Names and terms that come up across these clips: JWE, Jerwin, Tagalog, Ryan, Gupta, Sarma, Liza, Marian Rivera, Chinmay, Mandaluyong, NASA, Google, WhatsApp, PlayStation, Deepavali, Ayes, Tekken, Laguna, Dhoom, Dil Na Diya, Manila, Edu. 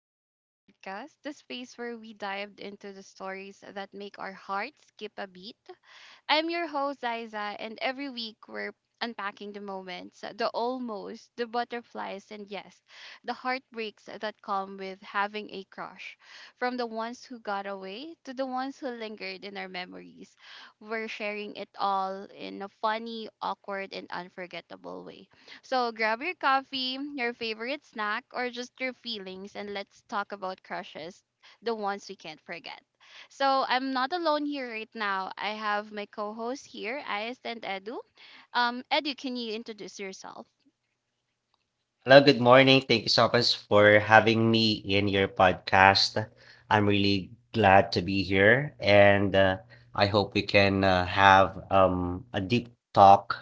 Liza's podcast, the space where we dived into the stories that make our hearts skip a beat. I'm your host, Ziza, and every week we're unpacking the moments, the almost, the butterflies, and yes, the heartbreaks that come with having a crush. From the ones who got away to the ones who lingered in our memories, we're sharing it all in a funny, awkward, and unforgettable way. So grab your coffee, your favorite snack, or just your feelings, and let's talk about crushes, the ones we can't forget. So I'm not alone here right now. I have my co-host here, Ayes and Edu. Edu, can you introduce yourself? Hello, good morning. Thank you so much for having me in your podcast. I'm really glad to be here, and I hope we can have a deep talk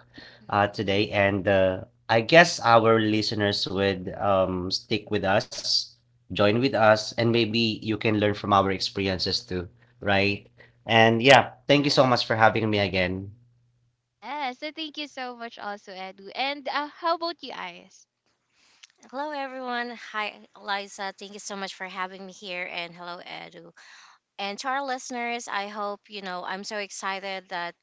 Mm-hmm. today. And I guess our listeners would stick with us, join with us, and maybe you can learn from our experiences too, right? And yeah, thank you Yes. so much for having me again. Yes. So thank you so much, also Edu. And how about you, Ayes? Hello, everyone. Hi, Eliza. Thank you so much for having me here. And hello, Edu. And to our listeners, I hope you know I'm so excited that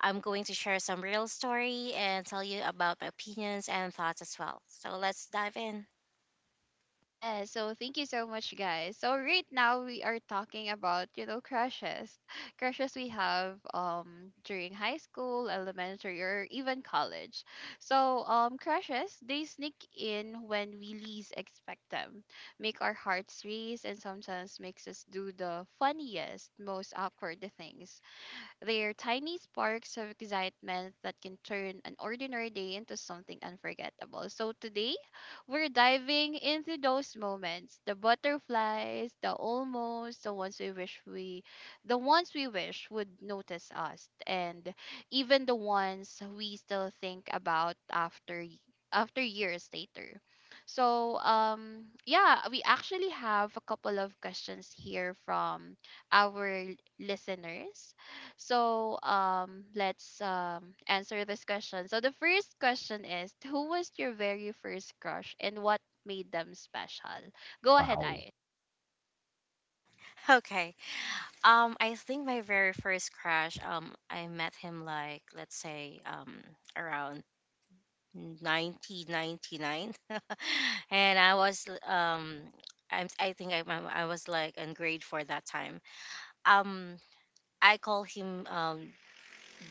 I'm going to share some real story and tell you about my opinions and thoughts as well. So let's dive in. Yeah, so thank you so much, guys. So right now we are talking about, you know, crushes, crushes we have during high school, elementary, or even college. So crushes, they sneak in when we least expect them, make our hearts race, and sometimes makes us do the funniest, most awkward things. They're tiny sparks of excitement that can turn an ordinary day into something unforgettable. So today, we're diving into those moments, the butterflies, the almost, the ones we wish would notice us, and even the ones we still think about after after years later. So yeah, we actually have a couple of questions here from our listeners. So let's answer this question. So the first question is, who was your very first crush and what made them special? Go ahead, Wow. I. Okay. I think my very first crush, I met him like, let's say, around 1999. And I was, I think I was like in grade four that time. um I call him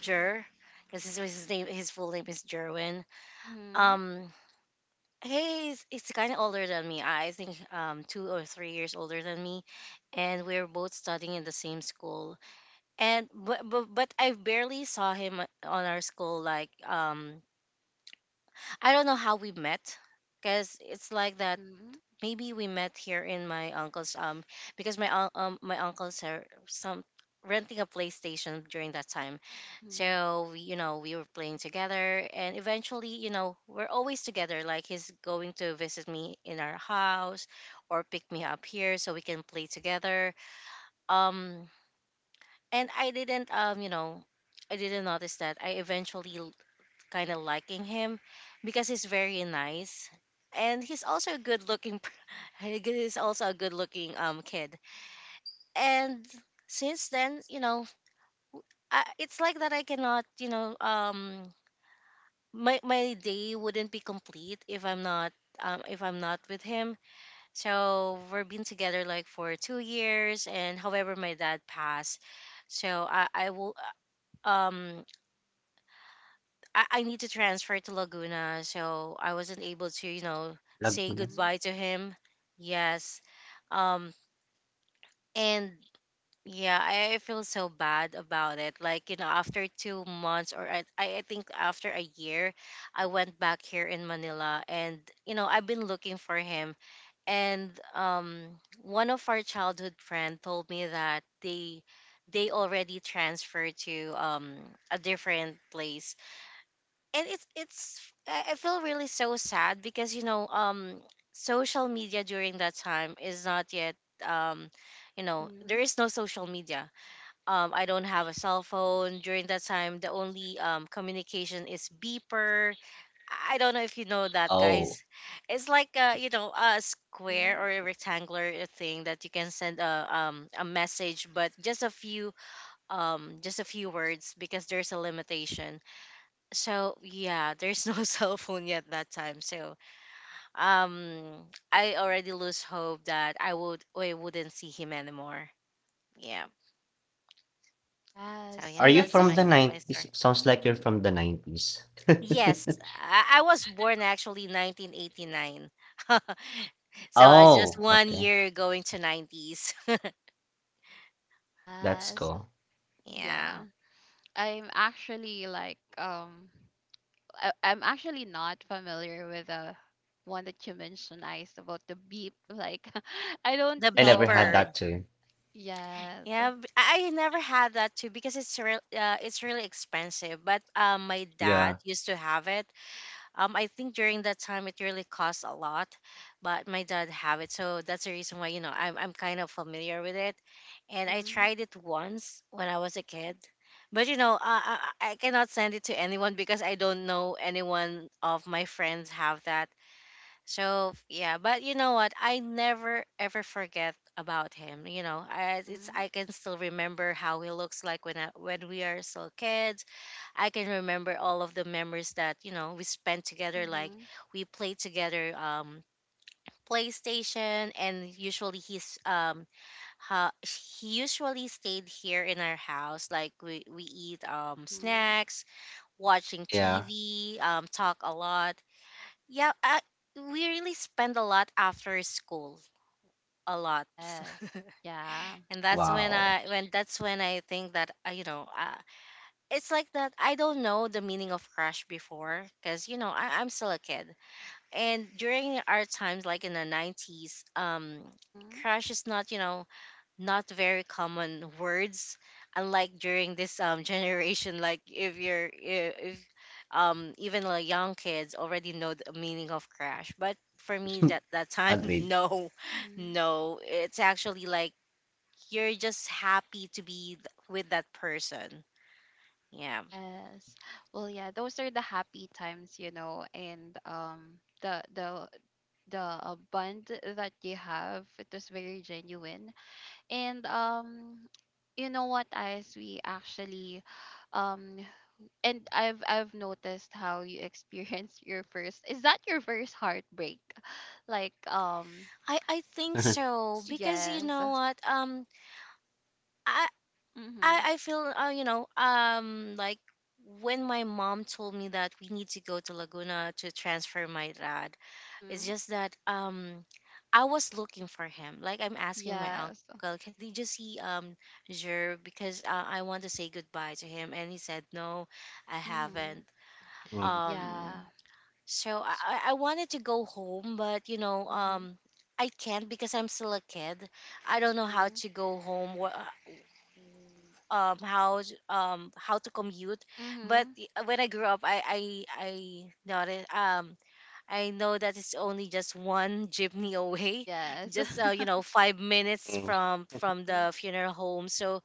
Jer because his full name is Jerwin. Mm-hmm. Um he's kind of older than me. I think 2 or 3 years older than me, and we are both studying in the same school. But I barely saw him on our school like, I don't know how we met, because it's like that Mm-hmm. maybe we met here in my uncle's, because my uncles are some renting a PlayStation during that time. Mm-hmm. So we, you know, we were playing together and eventually, you know, we're always together, like he's going to visit me in our house or pick me up here so we can play together. Um and I didn't, you know, I didn't notice that I eventually kind of liking him because he's very nice, and he's also a good looking he's also a good looking kid. And since then, you know, it's like that I cannot, you know, my day wouldn't be complete if I'm not, if I'm not with him. So we've been together like for 2 years, and however my dad passed, so I will, uh, um I need to transfer to Laguna, so I wasn't able to, you know, Lag- say ko na. Mm-hmm. goodbye to him. Yes. Um and yeah, I feel so bad about it. Like, you know, after 2 months or, I think after a year, I went back here in Manila and, you know, I've been looking for him. And um one of our childhood friend told me that they already transferred to a different place, and it's, I feel really so sad because, you know, social media during that time is not yet, um you know, Mm-hmm. there is no social media. I don't have a cell phone during that time. The only communication is beeper. I don't know if you know that, Oh. guys. It's like, a you know, a square Mm-hmm. or a rectangular thing that you can send a, a message, but just a few, just a few words because there's a limitation. So yeah, there's no cell phone yet that time. So um I already lose hope that I wouldn't see him anymore, yeah. So Yes. Are yeah, So you that that's from was the your. my story. 90s? Sounds like you're Mm-hmm. from the 90s. Yes, I was born actually 1989 so I just Oh, one okay. year going to 90s. That's Yes. cool. Yeah, Yeah. I'm actually like I'm actually not familiar with the one that you mentioned, Ice, about the beep. Like, I don't the I know never had about it. beeper. that too. Yes. Yeah, I never had that too because it's real, it's really expensive, but my dad Yeah, used to have it. I think during that time it really cost a lot, but my dad have it, so that's the reason why, you know, I'm kind of familiar with it, and I Mhm. tried it once when I was a kid, but you know, I cannot send it to anyone because I don't know anyone of my friends have that. So yeah, but you know what? I never ever forget about him. You know, I it's Mhm. I can still remember how he looks like when when we are still kids. I can remember all of the memories that, you know, we spent together. Like Mhm. we played together, PlayStation, and usually he usually stayed here in our house. Like we eat Mhm. snacks, watching yeah. TV, talk a lot. Yeah, we really spend a lot after school. A lot, Yes. Yeah. and Wow. That's when I think that, you know, it's like that I don't know the meaning of crush before because you know I'm still a kid, and during our times like in the 90s, Mhm. crush is not, you know, not very common words, unlike during this generation. Like if if, even like young kids already know the meaning of crush, but for me that that time Agreed. no. Mhm. No, it's actually like you're just happy to with that person, yeah. Yes. Well, yeah, those are the happy times, you know, and the bond that you have, it was very genuine. And you know what, as we actually um and I've noticed how you experience your first, is that your first heartbreak? Like I think so, because you Yes. know what, I Mhm. I feel, you know, like when my mom told me that we need to go to Laguna to transfer my dad, it's Mhm. just that, I was looking for him, like I'm asking my Yes. uncle, "Can- did you see, Jer, because, I want to say goodbye to him," and he said no, I haven't. Mhm. Mm. um Yeah. so I wanted to go home, but you know, Mhm. I can't because I'm still a kid. I don't know how Mhm. to go home. How to commute, but Mhm. When I grew up, I noticed I know that it's only just one jeepney away, Yes. just, you know, 5 minutes Mm. From Mhm. the funeral home. So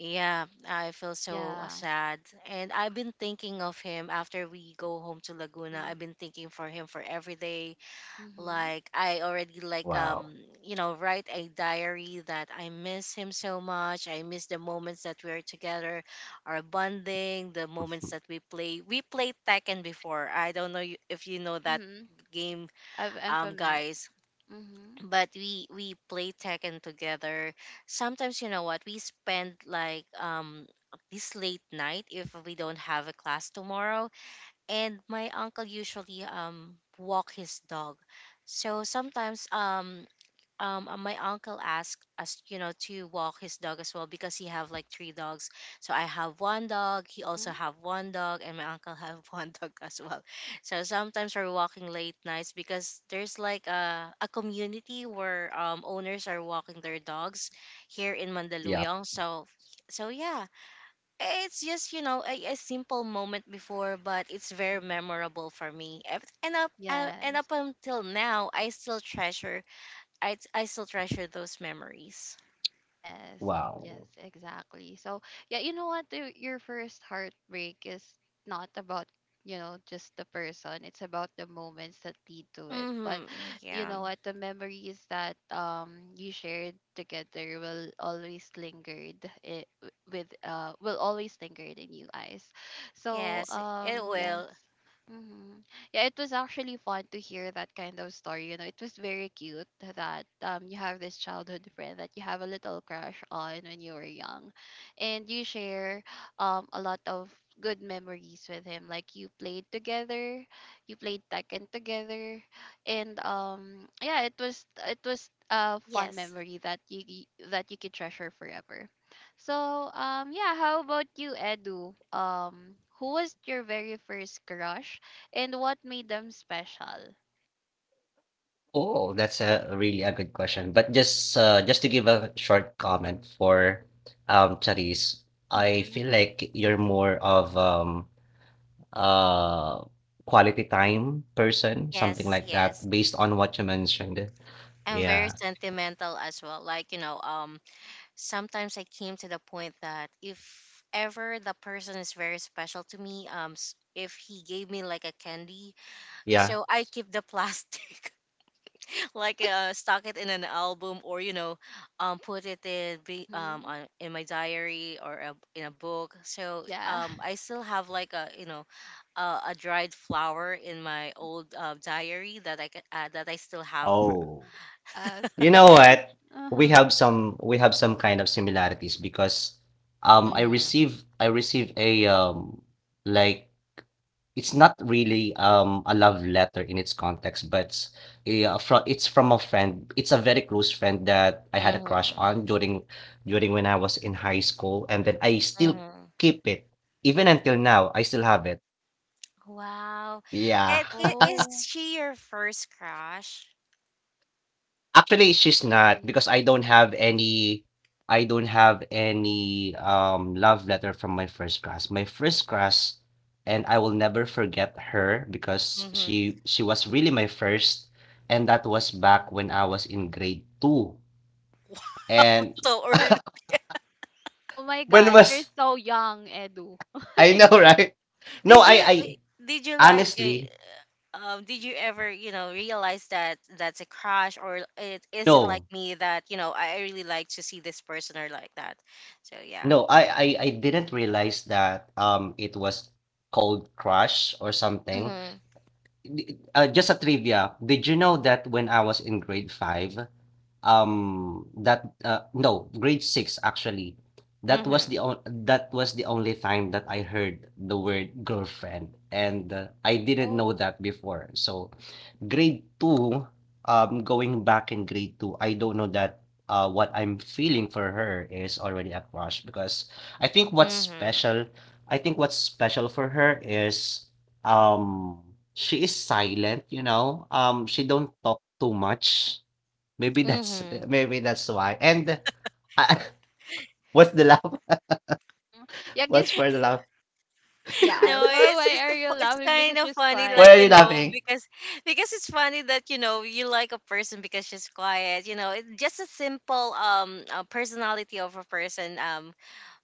yeah, I feel so, Yeah. sad. And I've been thinking of him after we go home to Laguna. Mhm. I've been thinking for him for every day. Mhm. Like I already like Wow. You know, write a diary that I miss him so much. I miss the moments that we are together, our bonding, the moments that we play. We played Tekken before. I don't know if you know that Mhm. game, I've, I'm familiar. guys, Mhm. but we play Tekken together. Sometimes, you know what, we spend like this late night if we don't have a class tomorrow, and my uncle usually walk his dog. So sometimes, my uncle asked us, you know, to walk his dog as well because he have like three dogs. So I have one dog, he also Mhm. have one dog, and my uncle have one dog as well. So sometimes we're walking late nights because there's like a community where owners are walking their dogs here in Yeah. Mandaluyong. So so yeah, it's just, you know, a simple moment before, but it's very Mhm. memorable for me. And Yes. up until now, I still treasure, I still treasure those memories. Yes, yes, Wow. exactly. So, yeah, you know what? Your first heartbreak is not about, you know, just the person. It's about the moments that lead to it. But Mm-hmm. you Yeah. know what? The memories that you shared together will always lingered it with will always linger in you guys. So, Yes, it yes. will. Mm-hmm. Yeah, it was actually fun to hear that kind of story. You know, it was very cute that you have this childhood friend that you have a little crush on when you were young, and you share a lot of good memories with him. Like you played together, you played Tekken together, and yeah, it was, it was a fun Yes. memory that that you could treasure forever. So, yeah, how about you, Edu? Who was your very first crush and what made them special. Oh, that's a really a good question. But just to give a short comment for Charis, I feel Mhm. like you're more of uh, quality time person, something like Yes. that, based on what you mentioned. I'm very Yeah. sentimental as well. Like, you know, um, sometimes I came to the point that if ever the person is very special to me, if he gave me like a candy, Yeah. so I keep the plastic. Like, stock it in an album or you know, put it in Mhm. In my diary or in a book. So Yeah. I still have like a, you know, a, a dried flower in my Mhm. old, diary that I can, that I still have. Oh. Yes. You know That's what? a- We Uh-huh. have some, we have some kind of similarities because I Hmm. receive I receive a like, it's not really, a love letter in its context, but a, fro it's from a friend. It's a very close friend that I had a crush Hmm. on during, during when I was in high school, and then I still Hmm. keep it. Even until now, I still have it. Wow. Yeah. And is Oh. she your first crush? Actually, she's not Mhm. because I don't have any love letter from my first class. My first class, and I will never forget her because Mm-hmm. she was really my first, and that was back Mhm. when I was in grade 2. And So early. Oh my when God, you're was, so young, Edu. I Like, know, right? No, Did you, I did you like, honestly did you ever, you know, realize that that's a crush, or it is it like no. me that you know, I really like to see this person or like that? So yeah. No, I didn't realize that it was called crush or something. Mm-hmm. Just a trivia. Did you know that when I was in grade five, that no, grade six actually. That was Mm-hmm. That was the only time that I heard the word girlfriend, and I didn't know oh. that before. So grade two, going back in grade two, I don't know that what I'm feeling for her is already a crush because I think what's Mm-hmm. special, I think what's special for her is um she is silent, you know. She don't talk too much. Maybe Mm-hmm. That's why. And uh, what's the laugh? Mhm. Yeah, What's guess, for the laugh? No, yeah. So it's why a are you it's laughing? kind Because of she's funny, like, What you are quiet. you know, laughing? Because it's funny that you know you like a person because she's quiet. You know, it's just a simple personality of a person,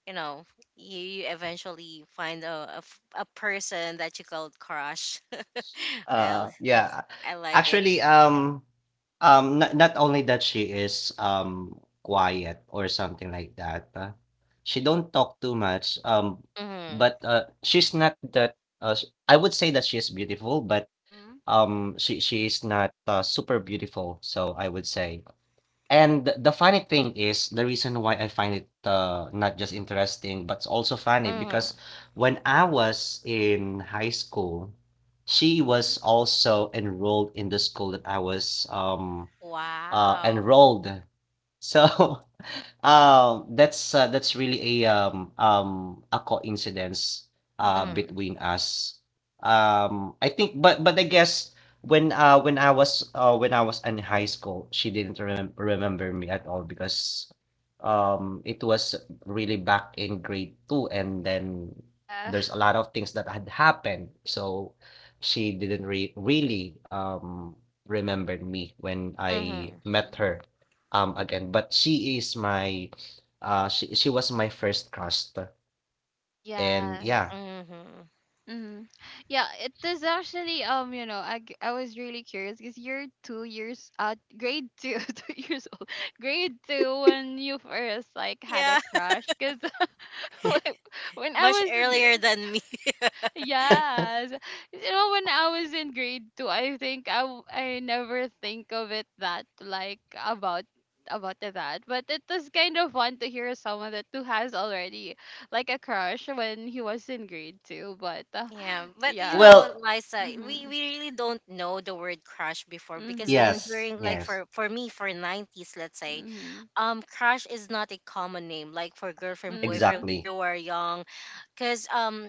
you know, you eventually find a person that you called crush. Well, that's, Yeah. I like it. Actually, not, not only that she is quiet or something like that. Uh, she don't talk too much. Mm-hmm. But she's not that. I would say that she is beautiful, but Mhm. She is not super beautiful. So I would say. And the funny thing is, the reason why I find it not just interesting, but also funny, Mm-hmm. because when I was in high school, she Mhm. was also enrolled in the school that I was Wow. enrolled. So that's really a coincidence Mhm. Mm-hmm. between us. I think, but I guess when I was in high school, she didn't remember me at all because it was really back in grade two, and then Yeah. there's a lot of things that had happened, so she didn't re really remembered me when I Mm-hmm. met Mhm. her again. But she is my, she was my first crush. And yeah. Yes. Mm-hmm. Mm-hmm. Yeah, it is actually you know I was really curious because you're two years grade two, two years old, grade two when you first like had a Yeah. crush because when when I Much was in earlier gra- than me. yes, you know, when I was in grade two, I think I never think of it, that like about that, but it was kind of fun to hear someone that who has already like a crush when he was in grade two. But Yeah, but you yeah. know, Well, Liza, Mhm. we really don't know the word crush before because in Mhm. yes. during like Yes. For me for 90s, let's say, Mhm. Crush is not a common name like for girlfriend boyfriend Mhm. when Exactly. you were young. Because um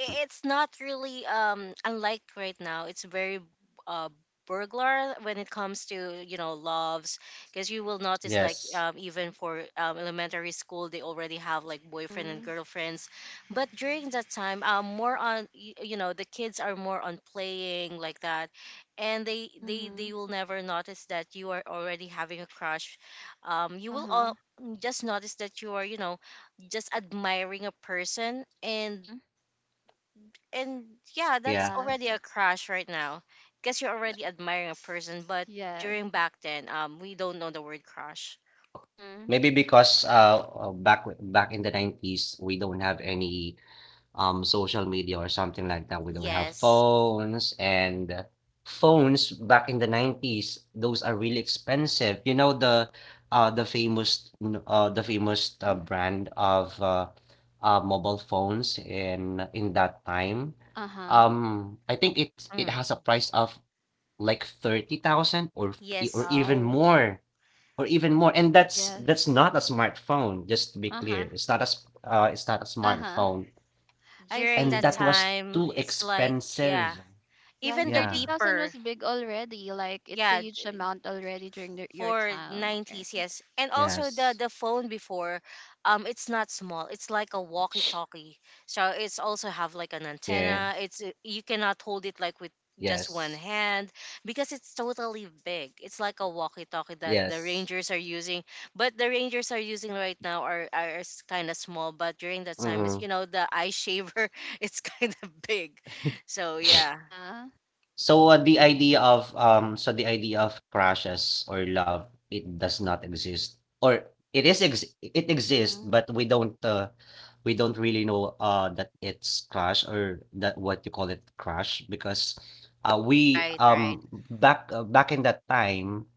i- it's not really, unlike right now, it's very, uh burglar when it comes to, you know, loves. Because you will notice like, Yes. Even for, elementary school, they already have like boyfriend and Mhm. girlfriends, but during that time, more on you know, the kids are more on playing like that, and they Mhm. will never notice that you are already having a crush. You will Uh-huh. all just notice that you are, you know, just admiring a person. and Mhm. and yeah, that's Yeah. Yes. already a crush right now, because you're already Like admiring a person. But yes. during back then, we don't know the word crush. Mhm. Maybe because back back in the 90s we don't have any social media or something like that. We don't have Yes. phones, and phones back in the 90s, those are really expensive. You know the uh the famous the famous Mhm. Brand of mobile phones in that time. Uh-huh. Um, I think it it has a Mm. price of like 30,000 or Yes. even Wow. more, or even more. And that's Yes. that's not a smartphone, just to be Uh-huh. clear. It's not a it's not a Uh-huh. smartphone, I During and that that see. was time, too it's like, yeah. expensive. Yeah, and Even the Yeah, 30,000 beeper. was big already. Like, it's a Yeah, huge amount already during the, your for time, right? 90s, yes. And also the yes. the phone before, it's not small, it's like a walkie talkie. So it's also have like an Yeah, antenna, it's, you cannot hold it like with just one yes. hand because it's totally big, it's like a walkie talkie that the Yes. rangers are using. But the rangers are using right now are kind of small, but during that time Mm. is, you know, the eye shaver it's kind of big. So yeah. Uh-huh. So, the idea Yeah. of so the idea of crushes or love, it does not exist. Or it is ex it exists, but Mhm. We don't really know that it's crush, or that what you call it crush, because we Right, right. Back back in that time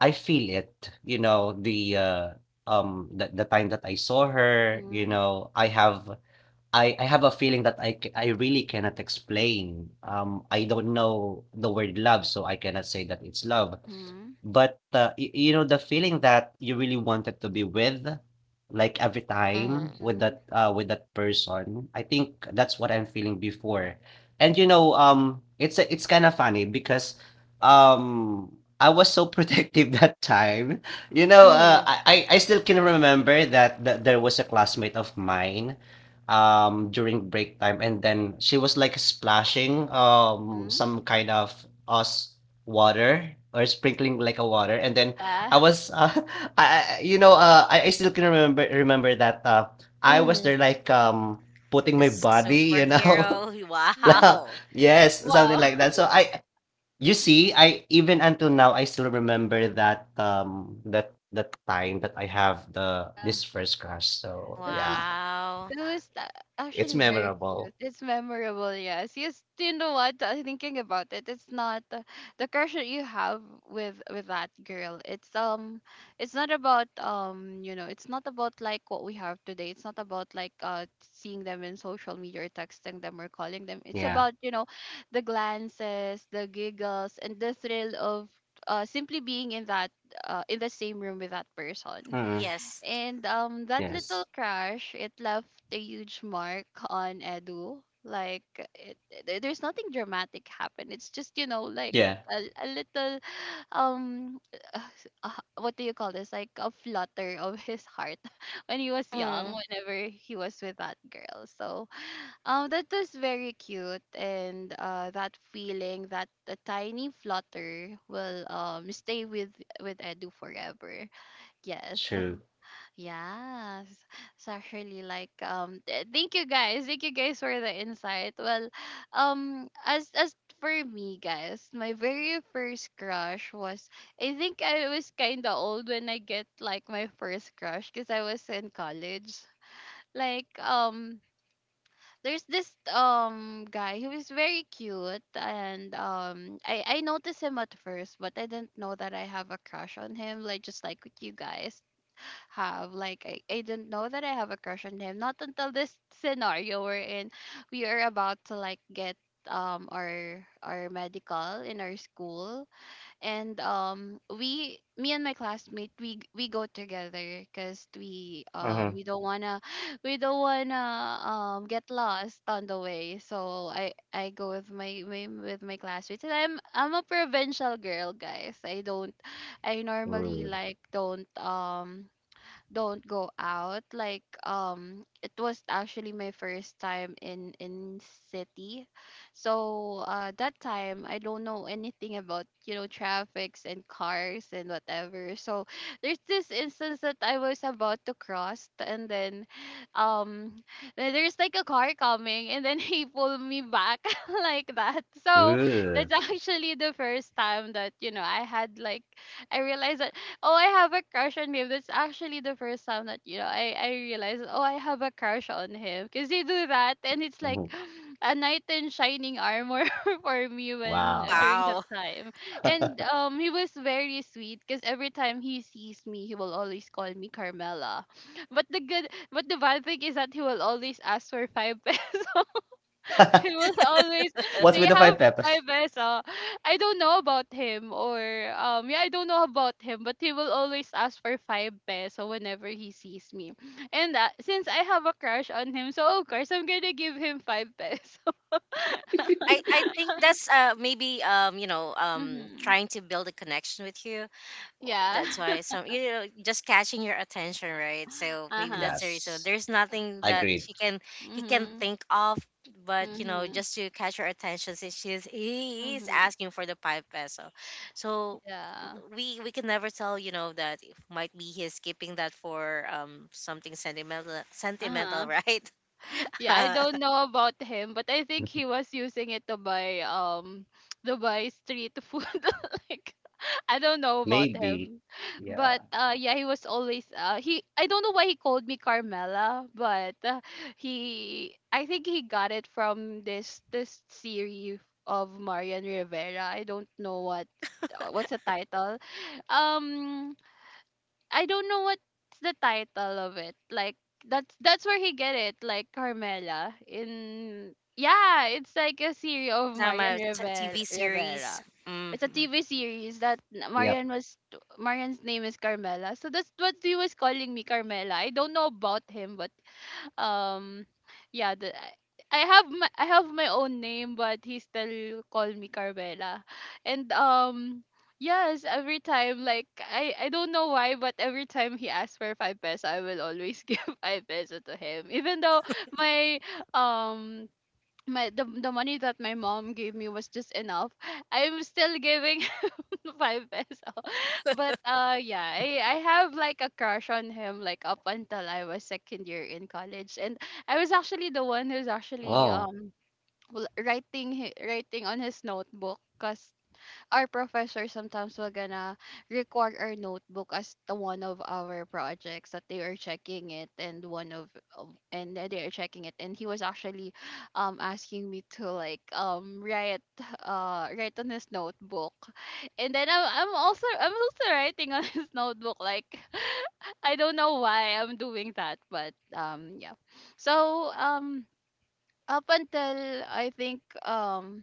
I feel it, you know, the time that I saw her, you Mhm. know, I have a feeling that I really cannot explain. I don't know the word love, so I cannot say that it's love, Mhm. but you know the feeling that you really wanted to be with, like, every time Mm-hmm. Mhm. With that person, I think that's what I'm feeling before. And you know, it's it's kind of funny because um I was so protective that time. You know, uh, Mm-hmm. I, I I still can remember that, that there was a classmate of mine during break time, and then she was like splashing Mhm. some kind of us, water, or sprinkling like a water, and then Yeah. I was you know, I still can remember that, I was there like putting A my body, you know, superhero. Mhm. Wow. yes, something Wow. like that. So I, you see, I even until now, I still remember that, that time that I have the, Yeah. this first crush. So That's a yeah, Wow. That was a- it's actually very memorable. cute. It's memorable, yes. Yes, you know what? Thinking about it, it's not the crush that you have with that girl. It's not about you know, it's not about like what we have today. It's not about like seeing them in social media or texting them or calling them. It's Yeah. about, you know, the glances, the giggles, and the thrill of simply being in that in the same room with that person. Mm. Yes. And that Yes. little crash, it left a huge mark on Edu. Like, it, there- there's nothing dramatic happened. It's just, you know, like Yeah. A little, um, uh, what do you call this? Like a flutter of his heart when he was young, Mm. whenever he was with that girl. So, that was very cute. And that feeling, that the tiny flutter will stay with Edu forever. Yes. True. Yes, it's actually like thank you guys. Thank you guys for the insight. Well, as for me guys, my very first crush was, I think I was kind of old when I get like my first crush because I was in college. Like there's this guy who is very cute and I noticed him at first, but I didn't know that I have a crush on him, like just like what you guys have. Like I didn't know that I have a crush on him not until this scenario we're in. We are about to like get our medical in our school, and we me and my classmate, we go together because Uh-huh. we don't wanna we don't wanna get lost on the way. So I go with my classmates, and I'm a provincial girl guys, I don't, I normally Ooh. like don't go out. Like it was actually my first time in city. So that time I don't know anything about, you know, traffics and cars and whatever. So there's this instance that I was about to cross, and um then there's like a car coming, and then he pulled me back like that. So that's actually the first time that, you know, I had like I realized that, oh, I have a crush on him. That's actually the first time that, you know, I realized, oh, I have a crush on him because they do that, and it's like Ooh. a knight in shining armor for me when Wow. during that Wow. time. And he was very sweet because every time he sees me, he will always call me Carmela. But the good, but the bad thing is that he will always ask for five pesos. He was always, What's they with the have five my peppers? best I don't know about him or yeah, I don't know about him, but he will always ask for five peso whenever he sees me. And since I have a crush on him, so of course I'm gonna give him five peso. I think that's maybe Mm-hmm. trying to build a connection with you. Well, Yeah. That's why some, just catching your attention, right? So maybe Uh-huh. that's the reason. Yes, There's nothing that agreed. she can he can Mm-hmm. think of, but, Mm-hmm. just to catch your attention, since she's he is Mm-hmm. asking for the five peso. So Yeah. we can never tell, you know, that it might be he's keeping that for something sentimental Uh sentimental huh. right? Yeah, I uh don't know about him, but I think he was using it to buy street food. Like, I don't know about Maybe. him. But Yeah. Yeah, he was always, he I don't know why he called me Carmela, but he, I think he got it from this this series of Marian Rivera. I don't know what what's the title. Um I don't know what's the title of it. Like that's where he get it, like Carmela in, yeah, it's like a series of Drama Marian TV series. Rivera. It's a Mm-hmm. TV series that Yep. Marian was, Marian's name is Carmela. So that's what he was calling me, Carmela. I don't know about him, but um yeah, the I have my own name, but he still call me Carmela. And yes, every time, like, I don't know why, but every time he asks for 5 peso, I will always give 5 peso to him even though my um my the money that my mom gave me was just enough. I'm still giving five peso. But yeah, I have like a crush on him like up until I was second year in college. And I was actually the one who's actually Oh. Writing writing on his notebook because our professor sometimes will gonna record our notebook as the one of our projects that they are checking it and that they are checking it and he was actually asking me to like write write on his notebook and then I'm also writing on his notebook like I don't know why I'm doing that, but yeah. So up until I think,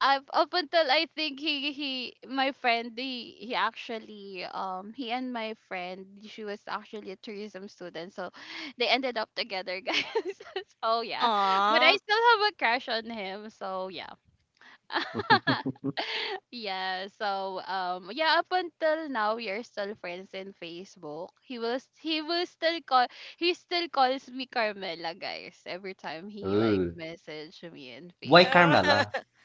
up until I think he my friend he actually he and my friend, she was actually a tourism student, so they ended up together, guys. So yeah, but I Aww. still have a crush on him, so yeah. Yeah, yeah, up until now we are still friends in Facebook. He will he will still call, he still calls me Carmela, guys, every time he like Ooh. message me in Why Facebook. Carmela?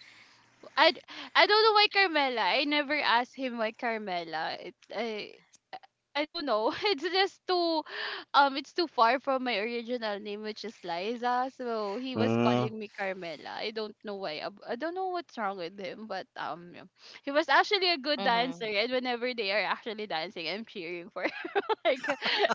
I d- I don't know why Carmela. I never asked him why Carmela. I I don't know. It's just too it's too far from my original name, which is Liza. So he was Mm. calling me Carmela. I don't know why. I don't know what's wrong with him, but yeah. He was actually a good Mm-hmm. dancer, and whenever they are actually dancing, I'm cheering for like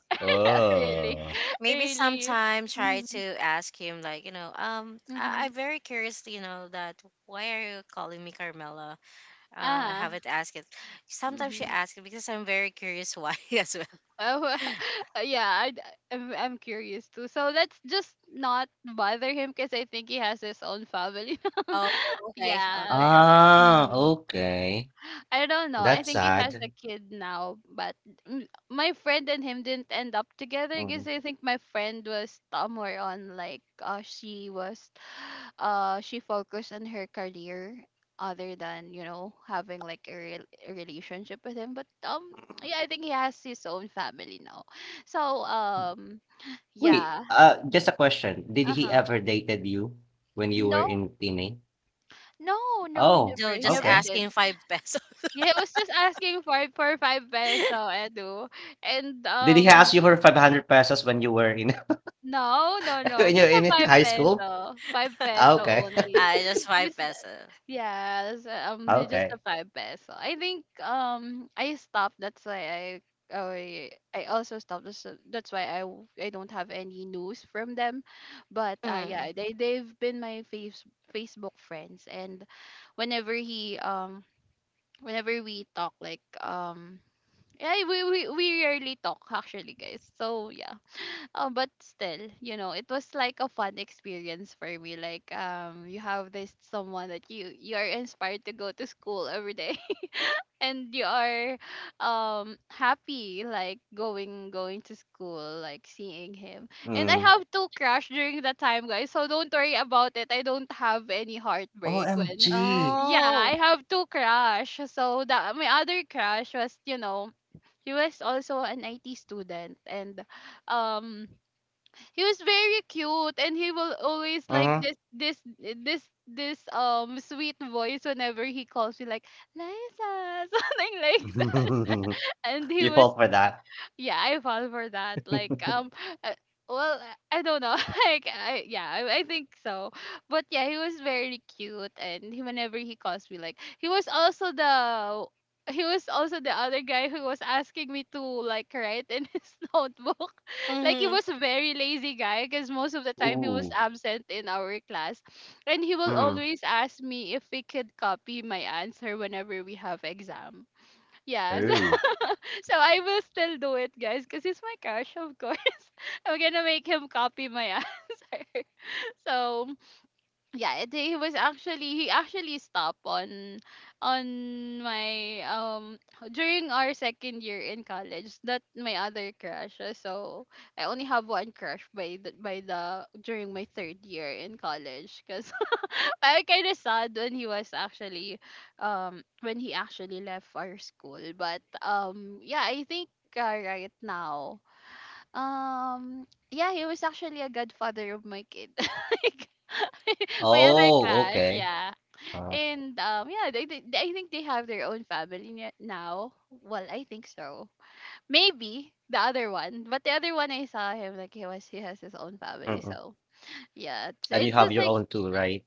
really, Oh. Maybe really. sometime try to Mhm. ask him, like, Mhm. I'm very curious, you know, that why are you calling me Carmela? I Uh-huh. haven't asked it. Sometimes she Mhm. asks it because I'm very curious why as well. Oh. Yeah, I'm curious too. So let's just not bother him because I think he has his own family. Oh. Okay, Yes. okay, okay. Ah, Mm-hmm. okay. I don't know. I That's think he has a sad. kid now, but mm, my friend and him didn't end up together Mm. because I think my friend was somewhere on like she was she focused on her career other than, you know, having like a, relationship with him, but yeah, I think he has his own family now, so Wait, yeah. Just a question. Did he Uh-huh. ever dated you when you were No, in Pine? no, no he Oh, never No, he just never okay. did. asking five pesos. Yeah, it was just asking for five peso, Edu. And Did he ask you for 500 pesos when you were in no, no, no. when you were Just a in five high school? peso. Five peso Okay. only. Just five It's, pesos. yes, just a Okay. five peso. I think I stopped, that's why I also stopped. That's why I don't have any news from them, but yeah, Mm. they've been my Facebook friends, and whenever he whenever we talk like yeah, we rarely talk actually, guys. So yeah, but still, you know, it was like a fun experience for me. Like, you have this someone that you are inspired to go to school every day, and you are happy like going to school, like seeing him. And I Mm. have to crash during that time, guys. So don't worry about it. I don't have any heartbreak when, OMG. yeah, Oh. I have to crash. So that my other crash was, you know, he was also an IT student, and um he was very cute, and he will always like Mhm. This sweet voice whenever he calls me like Liza something like that. And he You was fall for that? yeah, I fall for that. Like, uh, well, I don't know. Like, yeah, I think so. But yeah, he was very cute, and he, whenever he calls me, like, he was also the other guy who was asking me to like write in his notebook. Like he Hmm. was a very lazy guy because most of the time he was Ooh. absent in our class. And he will Mm. always ask me if we could copy my answer whenever we have exam. Yes. Ooh. So I will still do it, guys, because he's my crush, of course. I'm gonna make him copy my answer. So yeah, he was actually he actually stopped on my during our second year in college, not my other crush. So I only have one crush by the during my third year in college because I kind of sad when he was actually when he actually left our school, but yeah, I think right now, yeah, he was actually a godfather of my kid. My other Oh, crush, okay. yeah. Uh, And yeah, I think they have their own family now. Well, I think so. Maybe the other one, but the other one I saw him, like he was he has his own family. mm-mm. So yeah, And you it's have just your like own too, right?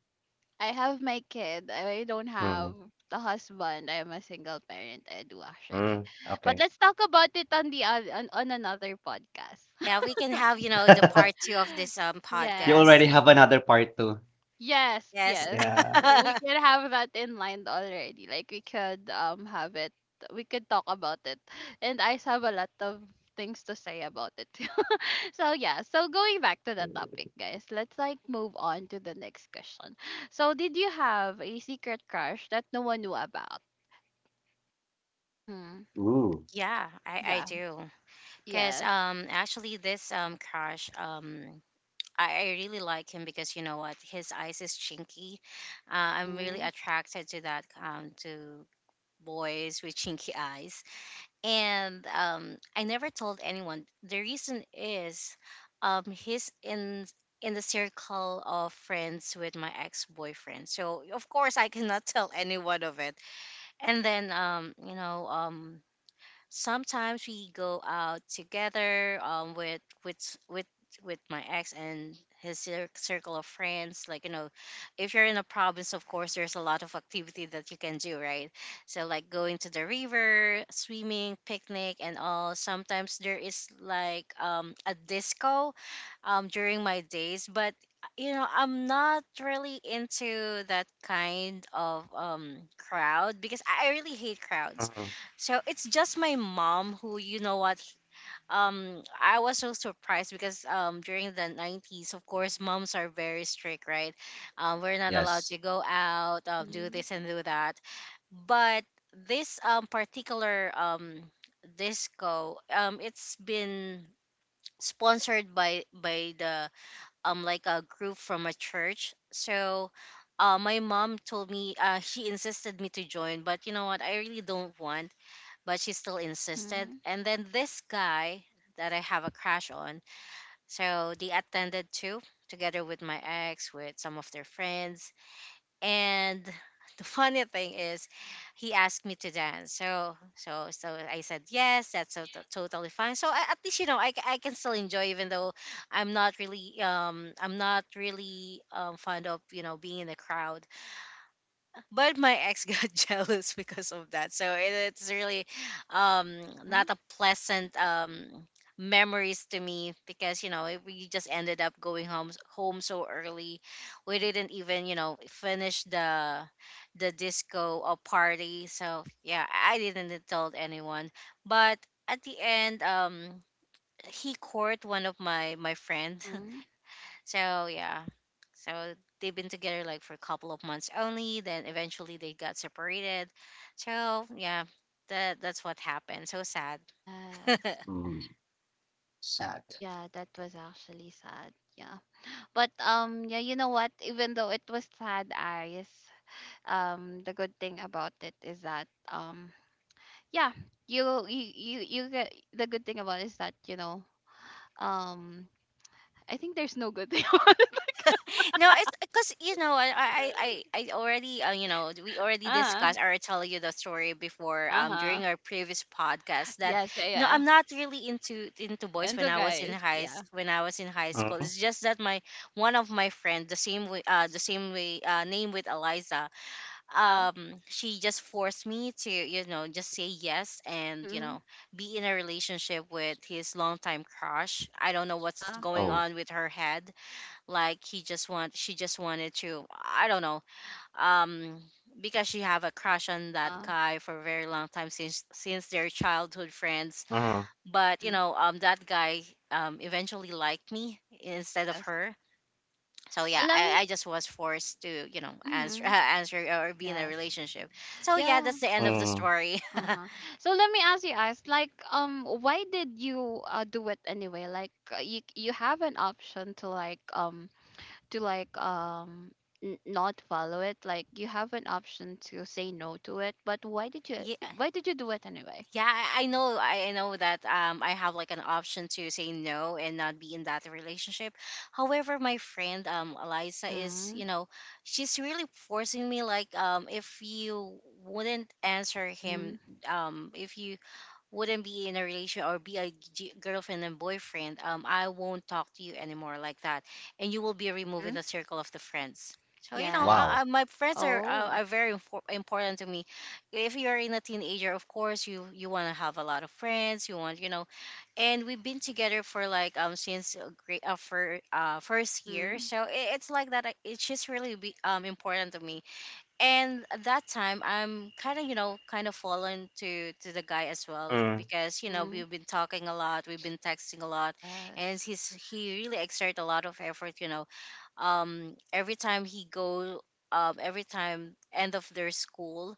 I have my kid. I don't have Mm. the husband. I am a single parent. I do actually, Mm. but Okay. let's talk about it on the on another podcast. Yeah, we can have, you know, the part two of this You Yes. podcast. already have another part too. Yes, Yes. yes. Yeah. We can have that in mind already. Like we could have it, we could talk about it. And I have a lot of things to say about it. So yeah, so going back to the topic, guys, let's like move on to the next question. So did you have a secret crush that no one knew about? Mm-hmm. Ooh. Yeah, I Yeah. do. Because Yes. Actually, this crush, I really like him because, you know what, his eyes is chinky. I'm really Mm-hmm. attracted to that, to boys with chinky eyes, and I never told anyone. The reason is, he's in the circle of friends with my ex-boyfriend, so of course I cannot tell anyone of it. And then sometimes we go out together with with my ex and his circle of friends, like, you know, if you're in a province, of course there's a lot of activity that you can do, right? So like going to the river, swimming, picnic, and all. Sometimes there is like a disco during my days. But you know, I'm not really into that kind of crowd because I really hate crowds. Mhm. So it's just my mom who, you know what, I was so surprised because during the 90s, of course, moms are very strict, right? We're not allowed Yes. to go out, do Mm-hmm. this and do that. But this particular disco, it's been sponsored by the like a group from a church. So, my mom told me, she insisted me to join, but you know what, I really don't want, but she still insisted. Mm-hmm. And then this guy that I have a crush on, so they attended to, together with my ex, with some of their friends. And the funny thing is, he asked me to dance. So I said yes. That's so, totally fine. So I, at least, you know, I can still enjoy, even though I'm not really fond of, you know, being in a crowd. But my ex got jealous because of that, so it's really um Mm-hmm. not a pleasant memories to me because you know we just ended up going home so early. We didn't even, you know, finish the disco or party. So yeah, I didn't tell anyone. But at the end, he court one of my friend. Mm-hmm. So yeah, so they've been together like for a couple of months only. Then eventually they got separated. So yeah, that's what happened. So sad. Yes. Mm. Sad. Yeah, that was actually sad. Yeah. But yeah, you know what? Even though it was sad eyes, the good thing about it is that yeah, you get the good thing about it is that, you know, um I think there's no good thing about it. No, it's because, you know, I already, you know, we already Uh-huh. discussed, or I tell you the story before, Uh-huh. during our previous podcast that, Yes, yeah, you know, yeah. I'm not really into boys And when so, I was in guys, high s- yeah. when I was in high Mm. school. It's just that my one of my friend, the same way, the same way, name with Eliza, Uh-huh. She just forced me to, you know, just say yes, and you Mm-hmm. know, be in a relationship with his longtime crush. I don't know what's Uh-huh. going Oh. on with her head. Like he just want she just wanted to, I don't know, um because she have a crush on that Uh-huh. guy for a very long time since their childhood friends, Mm. but you Mm-hmm. know that guy eventually liked me instead of Yes. her. So So yeah, let I me just was forced to, you know, answer mm-hmm. answer or be in a Yes. relationship, so yeah, Yeah. that's the end of the Mm. story. Uh-huh. So let me ask you guys, like, why did you do it anyway? Like, you have an option to like to like um not follow it. Like, you have an option to say no to it. But Yeah. why did you do it anyway? Yeah, I know. I know that, I have like an option to say no and not be in that relationship. However, my friend, Eliza is, Mm-hmm. you know, she's really forcing me. Like, if you wouldn't answer Mm-hmm. him, if you wouldn't be in a relationship or be a girlfriend and boyfriend, I won't talk to you anymore like that, and you will be removed in Mm-hmm. the circle of the friends. So you know, Yes. Wow. My friends are, Oh. are very important to me. If you're in a teenager, of course you want to have a lot of friends, you want, you know. And we've been together for, like, since, great, for first year, Mm-hmm. so it, it's like that, it's just really be, important to me. And at that time I'm kind of, you know, kind of fallen to the guy as well Mm. because you know Mm-hmm. we've been talking a lot, we've been texting a lot. And Yes. he really exert a lot of effort, you know, um every time he go every time end of their school,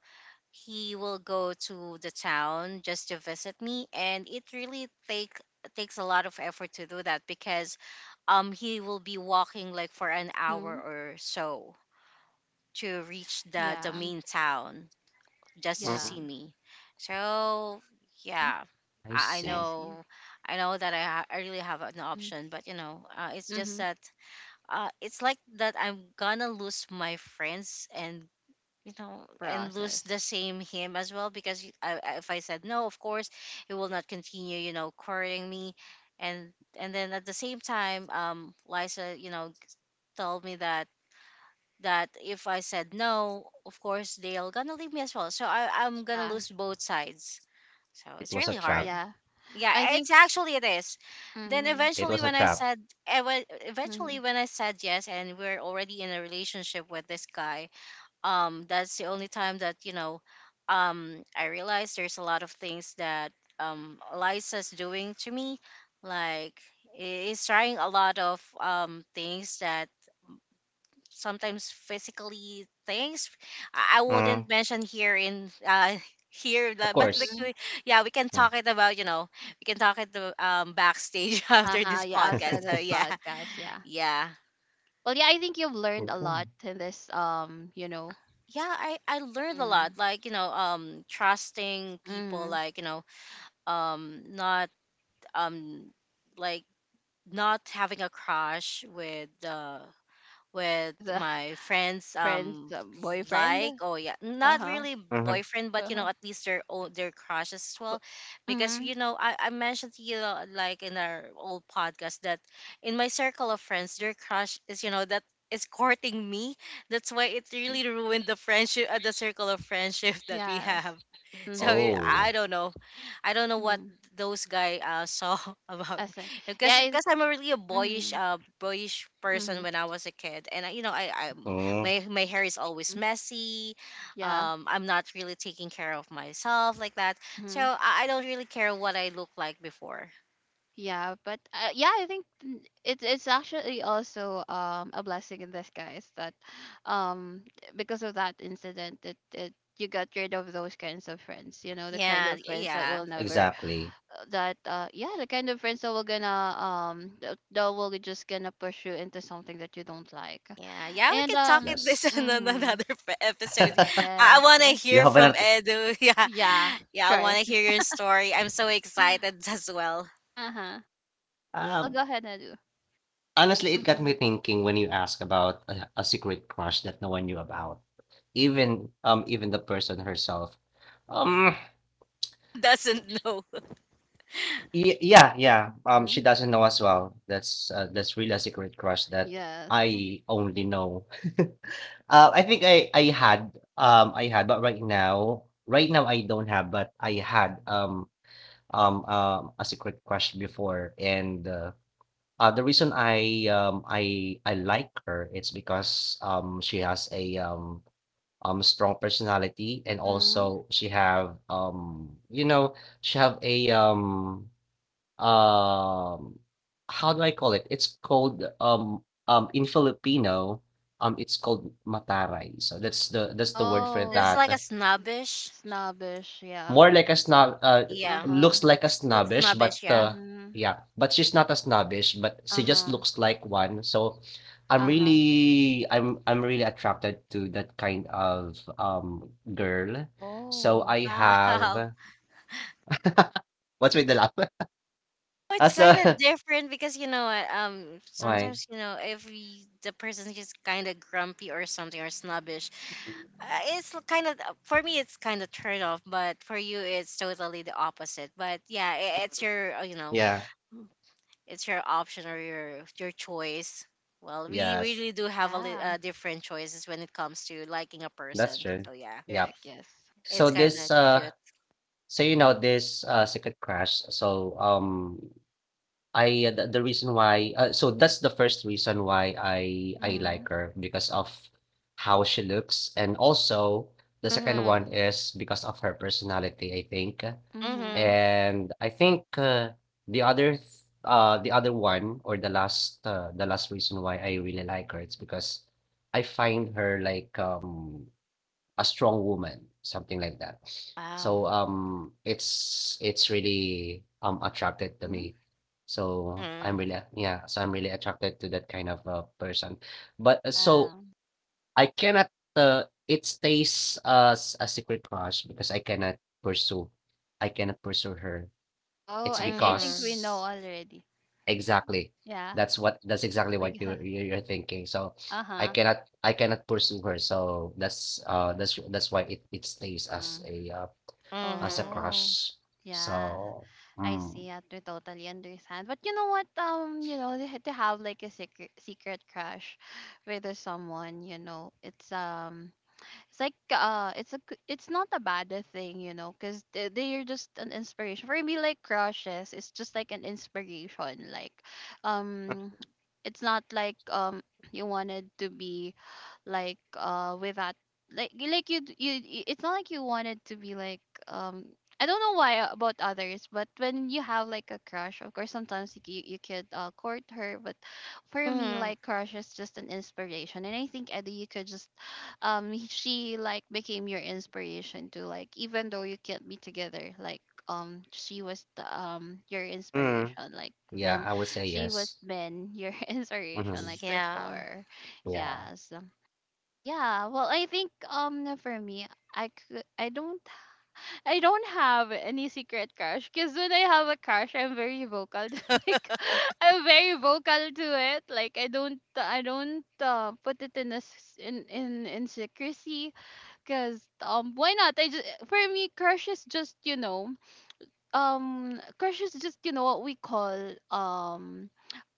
he will go to the town just to visit me, and it really takes a lot of effort to do that because he will be walking like for an hour Mm-hmm. or so to reach the Yeah. main town just to Mm. Yeah. see me. So Mm-hmm. yeah, I i, I see. I see. know I know that, I really have an Mm-hmm. option, but you know, it's just Mm-hmm. that, it's like that I'm gonna lose my friends, and you know, The and lose the process. same him as well, because if I said no, of course he will not continue, you know, courting me, and and then at the same time Liza, you know, told me that if I said no, of course they'll gonna leave me as well, so I'm gonna Yeah. lose both sides, so It it's was a really hard. trap. Yeah. Yeah, I think. it's actually, it is. Then Mm. It was eventually a when I trap. said, eventually Mm. when I said yes and we're already in a relationship with this guy, that's the only time that, you know, I realized there's a lot of things that Eliza's doing to me, like, is trying a lot of things that, sometimes physically things, I Mm. wouldn't mention here in, here, Of like, but course. Mm. Yeah we can Yeah. talk it about you know we can talk it the backstage after Uh-huh, this yeah, podcast, outside so this yeah podcast, yeah. yeah. Well, yeah, I think you've learned a Okay. lot in this, you know, Yeah, I learned a lot, mm, like you know, trusting people, mm, like you know, not um like not having a crush with, with with a my friends, friend's boyfriend. like, oh yeah, Uh not huh, really Mhm. boyfriend, but uh you huh. know, at least their own their crushes as well. But, Because mm, you know I mentioned to you, like in our old podcast that in my circle of friends their crush is, you know, that is courting me. That's why it mm, really ruined the friendship, the circle of friendship that we yes. have. So Mm, I Oh. I don't know. I don't know what mm, those guy, saw about I me, see. because Yeah, because I'm a really a mm, boyish person mm, when I was a kid, and I, you know, I Mm, my hair is always mm, messy. yeah. I'm not really taking care of myself like that. So Mm-hmm. I don't really care what I look like before. Yeah, but yeah, I think it's actually also a blessing in disguise that um because of that incident, it you got rid of those kinds of friends, you know, the kind Yeah, of friends that yeah. will never exactly. That yeah, the kind of friends that will gonna that will just gonna push you into something that you don't like. Yeah, yeah, we And can talk in this Yes. in mhm. another episode. I Yes. want to Well, You hear have from an Edu. Yeah, yeah, yeah, I want sure. to hear your story. I'm so excited as well. Uh-huh. Well, um, go ahead, Nadu. honestly, it got me Uh-huh. thinking when you ask about a secret crush that no one knew about, even even the person herself. Um, Doesn't know. y- yeah, yeah. Mhm. She doesn't know as well. That's really a secret crush that Yes. I only know. Uh, I think I had I had, but right now, right now I don't have, but I had a secret question before, and the reason I like her, it's because she has a strong personality, and Mhm. also she have you know, she have a um, how do I call it? It's called in Filipino it's called mataray. So that's the word for Oh, It's like a that. snobbish. snobbish, yeah. More like a snob, Yeah. Uh-huh. looks like a It's like snobbish, but snobbish, yeah. Mm-hmm. yeah, but she's not a snobbish, but she just Uh-huh. looks like one. So i'm Uh-huh. really i'm i'm really attracted to that kind of girl. So Oh. I Wow. have what's with the laugh? Oh, uh, it's so kind of different because you know what? Mm-hmm. why? Sometimes you know if we, the person's just kind of grumpy or something or snobbish, it's kind of, for me, it's kind of turn off. But for you, it's totally the opposite. But yeah, I it's your Yeah. it's your option or your choice. Well, we Yes, really do have Yeah. Different choices when it comes to liking a that's person. true. So yeah. Yeah. Correct, yes. It's So kind of this cute. so you know, this secret crush. So I the reason why, so that's the first reason why I Mm-hmm. like her, because of how she looks, and also the second Mhm. one is because of her personality, I think. Mhm. Mm-hmm. And I think the other th- the other one or the last, the last reason why I really like her, it's because I find her like a strong woman, something like that. Wow. So it's really attracted to Mm-hmm. me. So I'm Mhm. really, yeah, so I'm really attracted to that kind of person. But so Yeah. I cannot it stays as a secret crush because pursue, I cannot pursue her. Oh, It's I see. I think we Mhm. know because, already. exactly. Yeah. That's what, that's exactly what We got you're thinking. So I uh-huh. cannot I cannot pursue her. So that's that's why it it stays as Mm. a, as a Mhm. Oh. crush. Yeah. So I mm. see. I to totally understand. But you know what? You know, they to have like a secret crush with someone, you know, it's like it's not a bad thing, you know, because they, they're just an inspiration for me, like crushes, it's just like an inspiration. Like, um it's not like you wanted to be like without like you- like you d- you y- it's not like you wanted to be like, um I don't know why about others, but when you have like a crush, of course sometimes you could court her, but for me Mhm. like crush is just an inspiration. And I think Eddie, you could just she like became your inspiration too, like, even though you can't be together, like, she was the, your Mm, inspiration, like yeah, when I would say she was yes. been your inspiration Mm-hmm. like Yeah. before, Yeah. yes. Well, yeah. Well, I think for me, I could, I don't I don't have any secret crush because when I have a crush, I'm very vocal. To, like I'm very vocal to it. Like I don't put it in a s in in secrecy because why not? I just for me crush is just crush is just you know what we call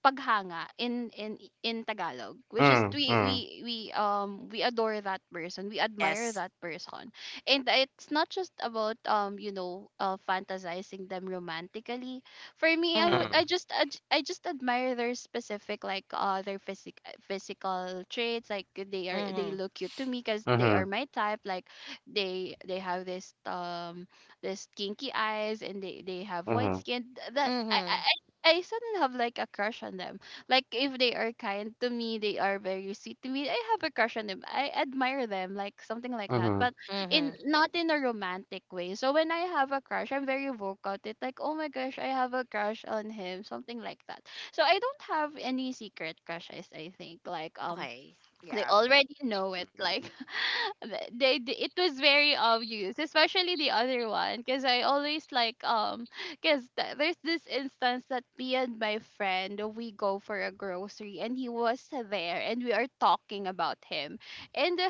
paghanga in Tagalog which is Mm. Mm. We adore that person. We admire Yes. that person, and it's not just about fantasizing them romantically. For me, Mhm. Mm. I just admire their specific, like their physical traits. Like, they are they Mhm. look cute to me cuz they Mm. are my type. Like, they have this there's kinky eyes and they have white Mm. skin that I, I Mhm. I I suddenly have like a crush on them. Like if they are kind to me, they are very sweet to me, I have a crush on them. I admire them, like something like that. Mm. But in Mhm. not in a romantic way. So when I have a crush, I'm very vocal. It's like, oh my gosh, I have a crush on him, something like that. So I don't have any secret crushes. I think like Okay. they Yeah. already know it. Like they it was very obvious, especially the other one, because I always like because there's this instance that me and my friend we go for a grocery and he was there and we are talking about him and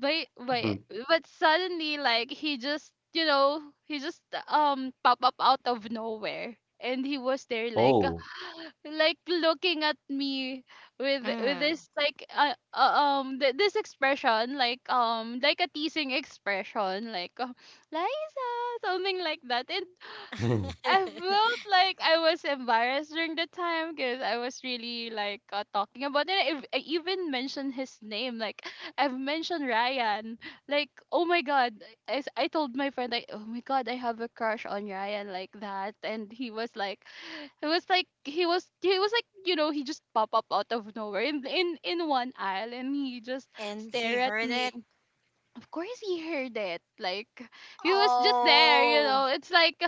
but but Mm. but suddenly, like, he just pop up out of nowhere and he was there Oh. like looking at me with Mhm. this like this expression, like a teasing expression, like Liza, something like that. And I felt like I was embarrassed during the time because I was really like talking about it. I even mentioned his name, like I've mentioned Ryan. Like, oh my god, I told my friend, like, oh my god, I have a crush on Ryan, like that. And he was like, it was like he was like, he just pop up out of nowhere in one aisle and he just And he stare at heard me. it. Of course he heard it. Like, he was just there, you Oh. know. It's like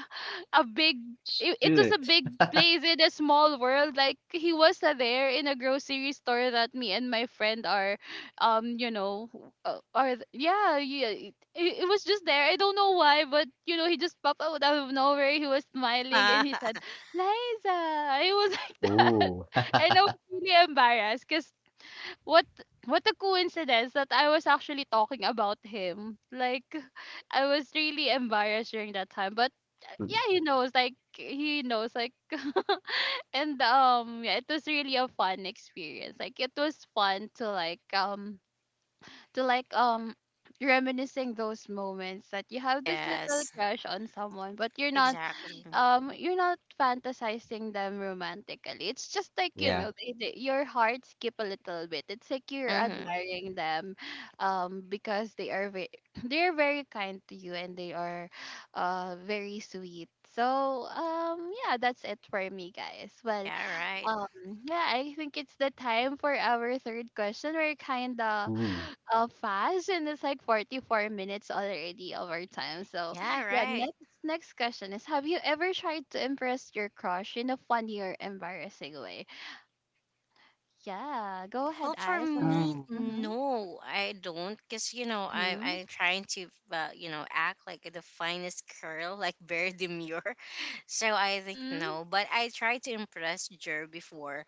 a big it, it was a Shoot. big place in a small world. Like, he was there in a grocery store that me and my friend are um you know yeah, yeah, it was just there. I don't know why, but you know he just popped out out of nowhere. He was smiling and he said, "Liza." It was like that. Oh. And I was really embarrassed cuz what what a coincidence that I was actually talking about him. Like, I was really embarrassed during that time, but yeah, he knows. Like, he knows. Like, and yeah, it was really a fun experience. Like, it was fun to like reminiscing those moments that you have this little Yes. crush on someone, but Exactly. You're not fantasizing them romantically. It's just like, you Yeah. know, your heart skip a little bit. It's like you're Mhm. admiring them because they are they're very kind to you, and they are very sweet. So yeah, that's it for me, guys. Well, Yeah. Right. um, yeah, I think it's the time for our third question. We're kind of Ooh. Fast, and it's like 44 minutes already of our time. So, Yeah. yeah, Right. next question is: have you ever tried to impress your crush in a funny or embarrassing way? Yeah, go ahead, Well, for eyes. Or me, Mm. mm-hmm, no, I don't, cause you know I mm-hmm, I'm trying to you know act like the finest girl, like very demure. So I think no, mm-hmm. but I tried to impress Jer before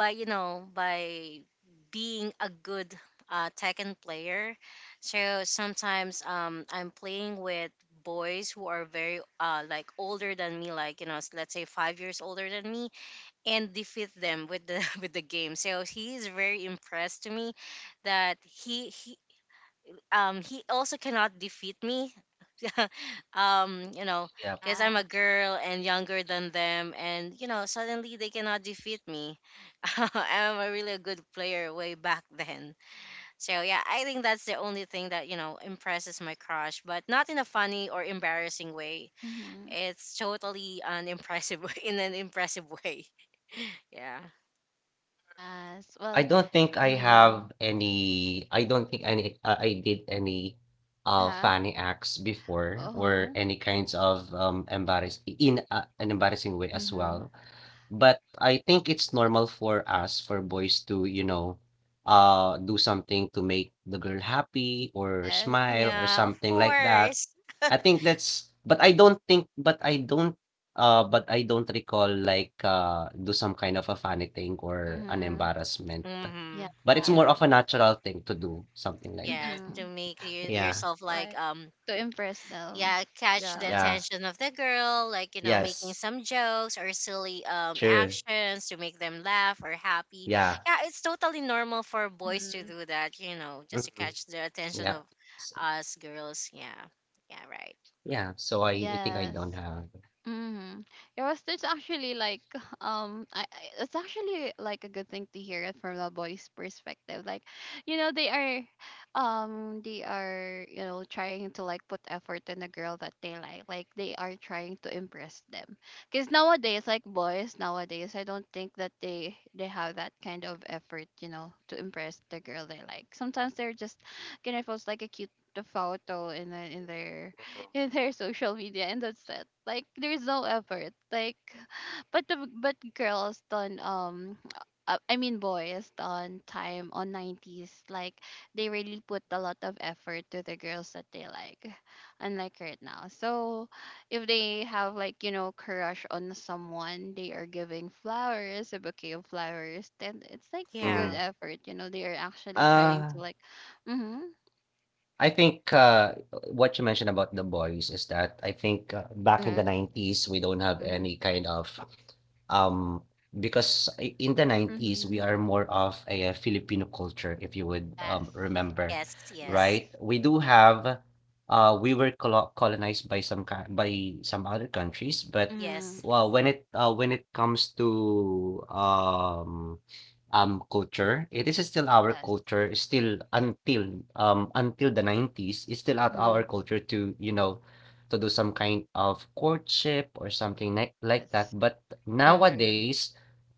by being a good Tekken player. So sometimes I'm playing with boys who are very like older than me, like you know let's say 5 years older than me, and defeat them with the with the game. So he is very impressed to me that he he also cannot defeat me. You know Yeah. because I'm a Yeah. girl and younger than them, and you know suddenly they cannot defeat me. I'm a really a good player way back then. So yeah, I think that's the only thing that you know impresses my crush, but not in a funny or embarrassing way. Mm-hmm. It's totally an impressive in an impressive way. Yeah. Yes. I Well. don't think I Uh-huh. have any I don't think any I did any, Uh-huh. funny acts before, or Uh-huh. any kinds of, embarrass in a an embarrassing way as Mm-hmm. well. But I think it's normal for us, for boys to, you know, do something to make the girl happy or Yes. smile or Yeah, of something like that. course. I think that's but I don't think but I don't recall like do some kind of a funny thing or an Mm-hmm. embarrassment. Yes. Mm-hmm. But it's more Yeah. of a natural thing to do, something like Yeah, that. Mm-hmm. to make you, Yeah, yourself like Like, to impress them. yeah, catch the Yeah. yeah, attention of the girl, like you know, making yes, some jokes or silly true. actions to make them laugh or happy. Yeah. Yeah, it's totally normal for boys to Hmm. do that, you know, just to Mhm, catch the attention of yep. So, us girls. Yeah. Yeah, right. yeah, so I think I Yes. don't have. Mm-hmm. Yeah, well, it's actually like I it's actually like a good thing to hear it from the boys' perspective. Like, you know, they are, they are, you know, trying to like put effort in a girl that they like. Like, they are trying to impress them. Cause nowadays, like boys nowadays, I don't think that they have that kind of effort. You know, to impress the girl they like. Sometimes they're just gonna post like a cute photo in their social media and that's it. Like, there's no effort like but the but girls done I mean boys done time on 90s. Like, they really put a lot of effort to the girls that they like, unlike right now. So if they have like, you know, crush on someone, they are giving flowers, a bouquet of flowers. Then it's like a good Mm. Yeah. effort, you know. They are actually trying Ah, to like mm-hmm, I think what you mentioned about the boys is that I think back in the Hmm. 90s, we don't have mm-hmm, any kind of um because in the 90s we mm-hmm, are more of a, Filipino culture if you would yes. remember, Yes, right? yes. Yes. We do have we were colonized by by some other countries, but Mhm. Yes. well when it comes to um culture. It is still our Yes. culture, it's still until the 90s it's still at our Mhm. culture to, you know, to do some kind of courtship or something like that. Yes. But Hmm. nowadays,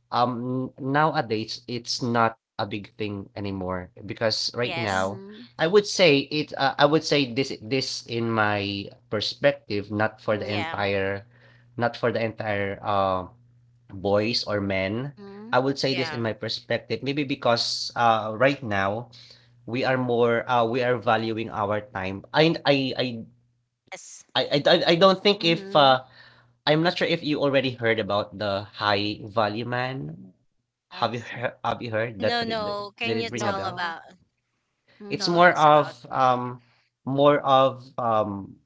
Um, nowadays, it's not a big thing anymore because right now, Yes. Mhm. I would say it. I would say this. This in my perspective, not for the Mhm. Yeah. entire, not for the entire boys or men. Mhm. I would say this in my Yeah. perspective, maybe because right now we are valuing our time. I I I Yes. I I I don't think if Mhm. uh, I'm not sure if you already heard about the High Value Man. Have you Yes. heard have you heard that ri No, the no. Yeah. did Can it you ring a No, tell bell? no. about It's tell Mhm. Us about? More of,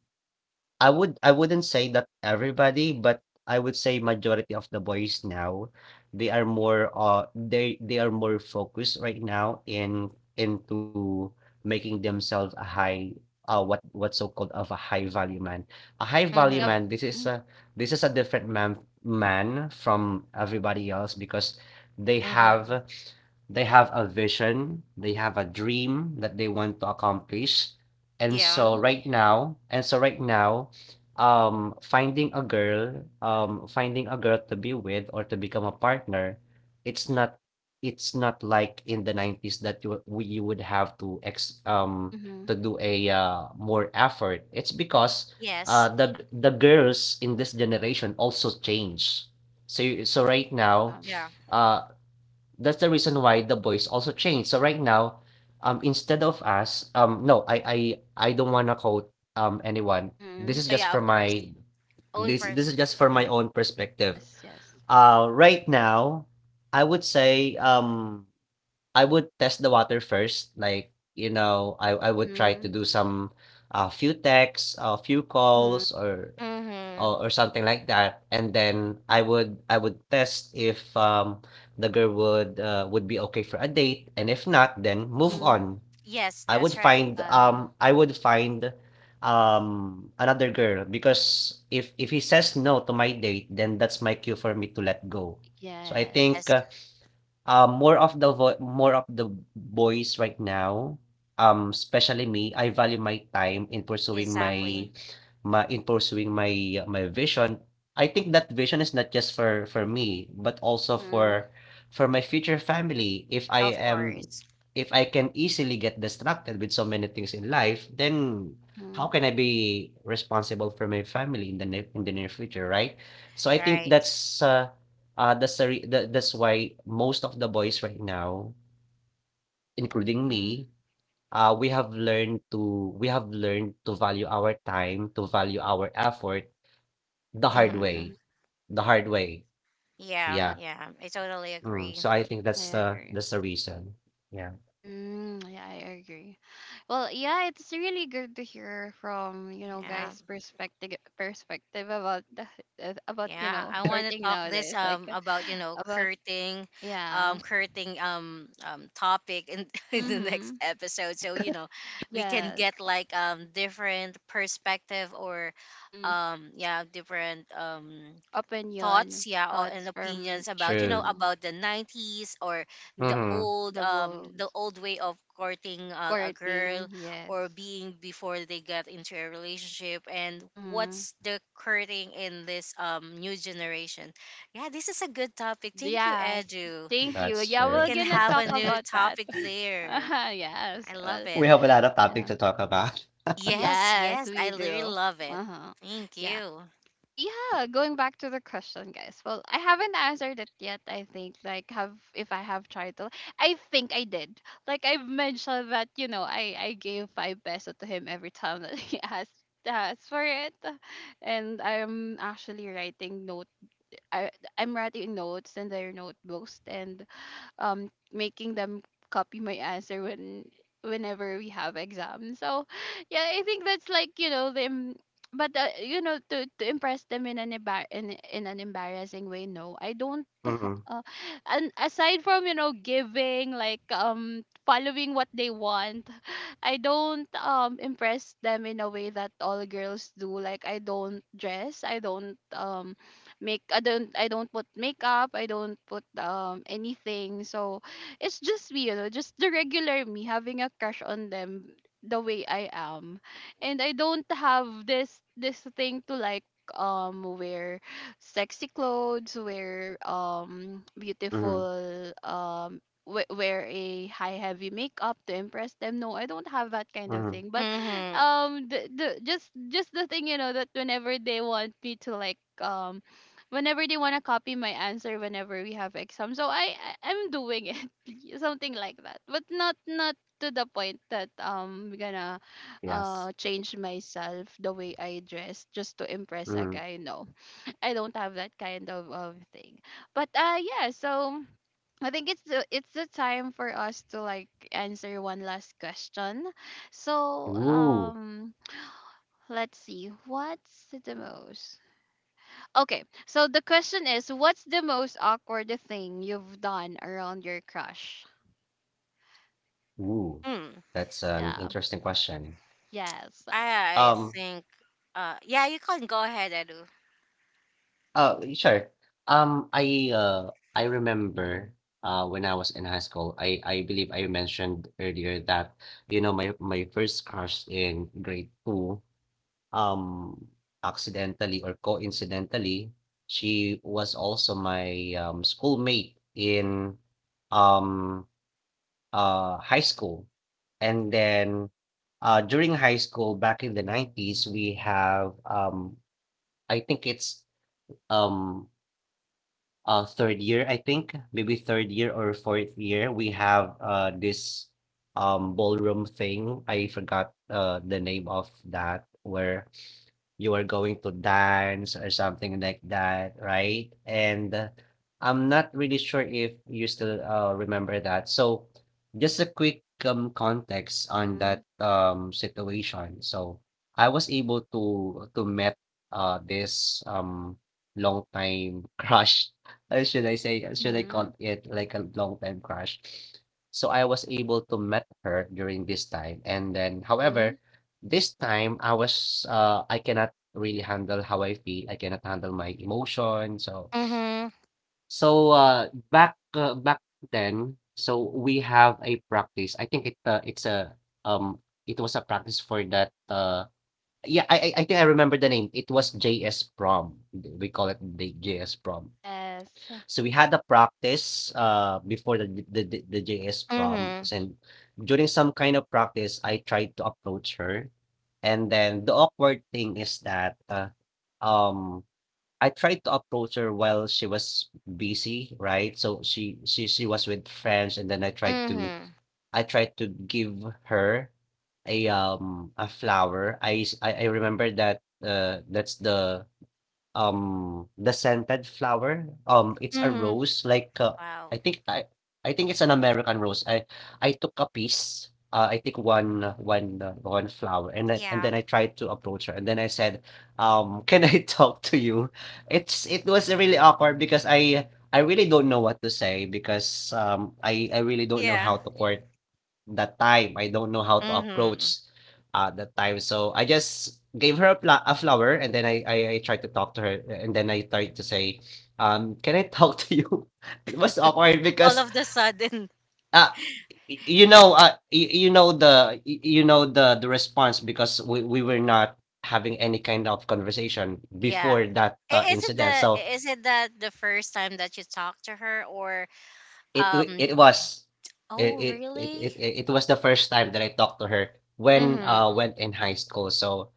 I wouldn't say that everybody, but I would say majority of the boys now, they are more focused right now in into making themselves a high what what's so called of a high value man. A high Like value a man, Mhm. This is a different man from everybody else because they have Mhm. they have a vision, they have a dream that they want to accomplish, and Yeah. so Mhm. right now, and so right now, finding a girl to be with or to become a partner, it's not, it's not like in the 90s that you would have to ex Mhm. to do a more effort. It's because Yes. The the girls in this generation also change. So so right now, Yeah. Yeah. uh that's the reason why the voice also changed. So right now, instead of us, no, I don't wanna quote anyone. This Mhm. is Oh, just yeah. for Of course. my Own this this is just for perspective. my Mhm. own perspective. Yes, yes. Right now, I would say I would test the water first. Like you know, I would try to Mhm. do some a few texts, a few Mhm. calls, Mhm. Or something like that, and then I would test if the girl would be okay for a date, and if not then move Mhm. on. Yes, that's right. Yeah. I would find another girl, because if he says no to my date then that's my cue for me to let go. So I Yes. think Yes, more of more of the boys right now, especially me, I value my time in pursuing exactly. my, Mhm. My vision. I think that vision is not just for me, but also Mhm. For my future family. Of course. If I can easily get distracted with so many things in life, then how Mhm. can I be responsible for my family in the in the near future, right? So I think Right. That's the that's why most of the boys right now, including Mhm. me, we have learned to value our time, to value our effort the hard Mhm. Mhm. way, the hard way. Yeah. Yeah. Yeah, Yeah, I totally Mm. So I agree. think I that's agree. the reason. Yeah. Mm, yeah, I agree. Well, yeah, it's really good to hear from, you know, Yeah. guys' perspective about the, about, you Yeah, know, I want to courting talk this nowadays. Like about you know about curting, yeah. curting topic in, in the next Mm-hmm. episode. So you know, we can Yes. get like different perspective or Mm-hmm. Yeah different Opinion, thoughts yeah or, and thoughts from opinions about you know True. mm, about the 90s or and Mm-hmm. The the bulls old way of courting of a courting. girl Yes. or being before they get into a relationship, and Mm-hmm. what's the courting in this new generation. Yeah, this is a good topic, thank you Yes. edu. Thank you. That's Yeah, We true. we're can gonna have talk a new about that. topic later. yes. I love Well, it. We have a lot of topic yeah. to talk about. Yes, Yes, yes, I we really do. love it. Uh-huh. Thank Yeah. you. Well, yeah, going back to the question, guys. Well, I haven't answered it yet, I think. Like, have if I have tried to, I think I did. Like, I've mentioned that, you know, I gave 5 peso to him every time that he asked for it. And I'm actually writing note I I'm writing notes in their notebooks and making them copy my answer whenever we have exams. So yeah, I think that's like, you know them. But you know, to impress them in an in an embarrassing way, no, I don't Mm-hmm. uh, and aside from, you know, giving like following what they want, I don't impress them in a way that all girls do. Like, I don't dress, I don't I don't put makeup, I don't put anything. So it's just me, you know, just the regular me having a crush on them, the way I am. And I don't have this thing to like wear sexy clothes, wear Mm-hmm. beautiful wear a high heavy makeup to impress them. No, I don't have that kind of Mm-hmm. thing. But Mm-hmm. The just the thing, you know, that whenever they want me to like whenever they want to copy my answer whenever we have exam. So I'm doing it, something like that. But not not to the point that gonna Yes. Change myself the way I dress just to impress a Mm. guy. No. I don't have that kind of thing. But yeah, so I think it's the time for us to like answer one last question. So Ooh. Let's see what's the most, okay, so the question is: what's the most awkward thing you've done around your crush? Ooh. Mm. That's an Yeah. interesting question. Yes. I Um, think yeah, you can go ahead, Edu. Oh, sure. I remember when I was in high school, I believe I mentioned earlier that you know my first crush in grade two, um, accidentally or coincidentally, she was also my schoolmate in um high school, and then during high school back in the 90s, we have I think it's um third year, I think, maybe third year or fourth year, we have this ballroom thing. I forgot the name of that, where you are going to dance or something like that, right? And I'm not really sure if you still remember that. So, just a quick context on Mm-hmm, that situation. So, I was able to met this long time crush. Should I say? Should I call mm-hmm, it like a long time crush? So I was able to met her during this time, and then, mm-hmm, however, this time I was, I cannot really handle how I feel, I cannot handle my emotion, so Mhm. so, back then, so we have a practice, I think it's a, um, it was a practice for that, yeah, I think I remember the name, it was JS prom, we call it the JS prom. yes, So we had a practice before the JS Mhm. proms, and during some kind of practice I tried to approach her. And then the awkward thing is that um I tried to approach her while she was busy, right? So she was with friends, and then Mhm. I tried to give her a flower. I I remember that that's the scented flower. It's a Mhm. rose like, Wow. I think I I think it's an American rose. I took a piece, I think one flower, and Yeah. then I tried to approach her, and then I said, "Can I talk to you?" It was really awkward because I really don't know what to say, because I really don't know Yeah. how to court that time, I don't know how to Mhm. approach that time. So I just gave her a, a flower, and then I tried to talk to her, and then I tried to say, can I talk to you? It was awkward All because of the sudden. uh y- you know the y- you know the response, because we were not having any kind of conversation Yeah. before that Is it incident. the So is it that the first time that you talked to her or it w- um it was oh really? It was the first time that I talked to her Mhm. when in high school. So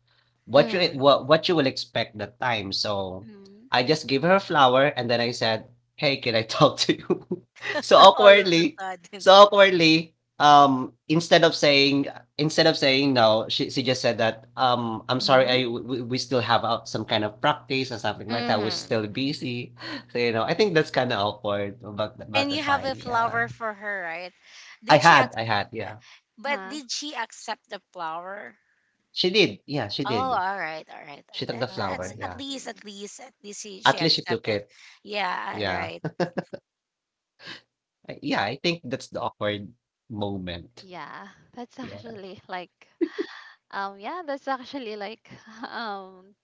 Mhm. What you will expect that time. So mm-hmm, I just gave her a flower and then I said, "Hey, can I talk to you?" So All of the awkwardly, sudden. so awkwardly. Um, instead of saying instead of saying no, she just said that I'm sorry, I mm-hmm. We still have out some kind of practice or something like that. We're still Mhm. Mm-hmm. busy. So, you know, I think that's kinda awkward about th about And the you have time, a yeah. flower for her, right? Did she ac- I had, yeah. but Uh-huh. did she accept the flower? She did, yeah, she Oh, did. all right, all right. She took that, the Uh. that's Oh, flower, at I yeah. least, see. at least, at least she At least she took accepted. it, Yeah, all yeah. right. I yeah, I think that's the awkward moment, Yeah, that's yeah. actually like, yeah, that's actually like, um,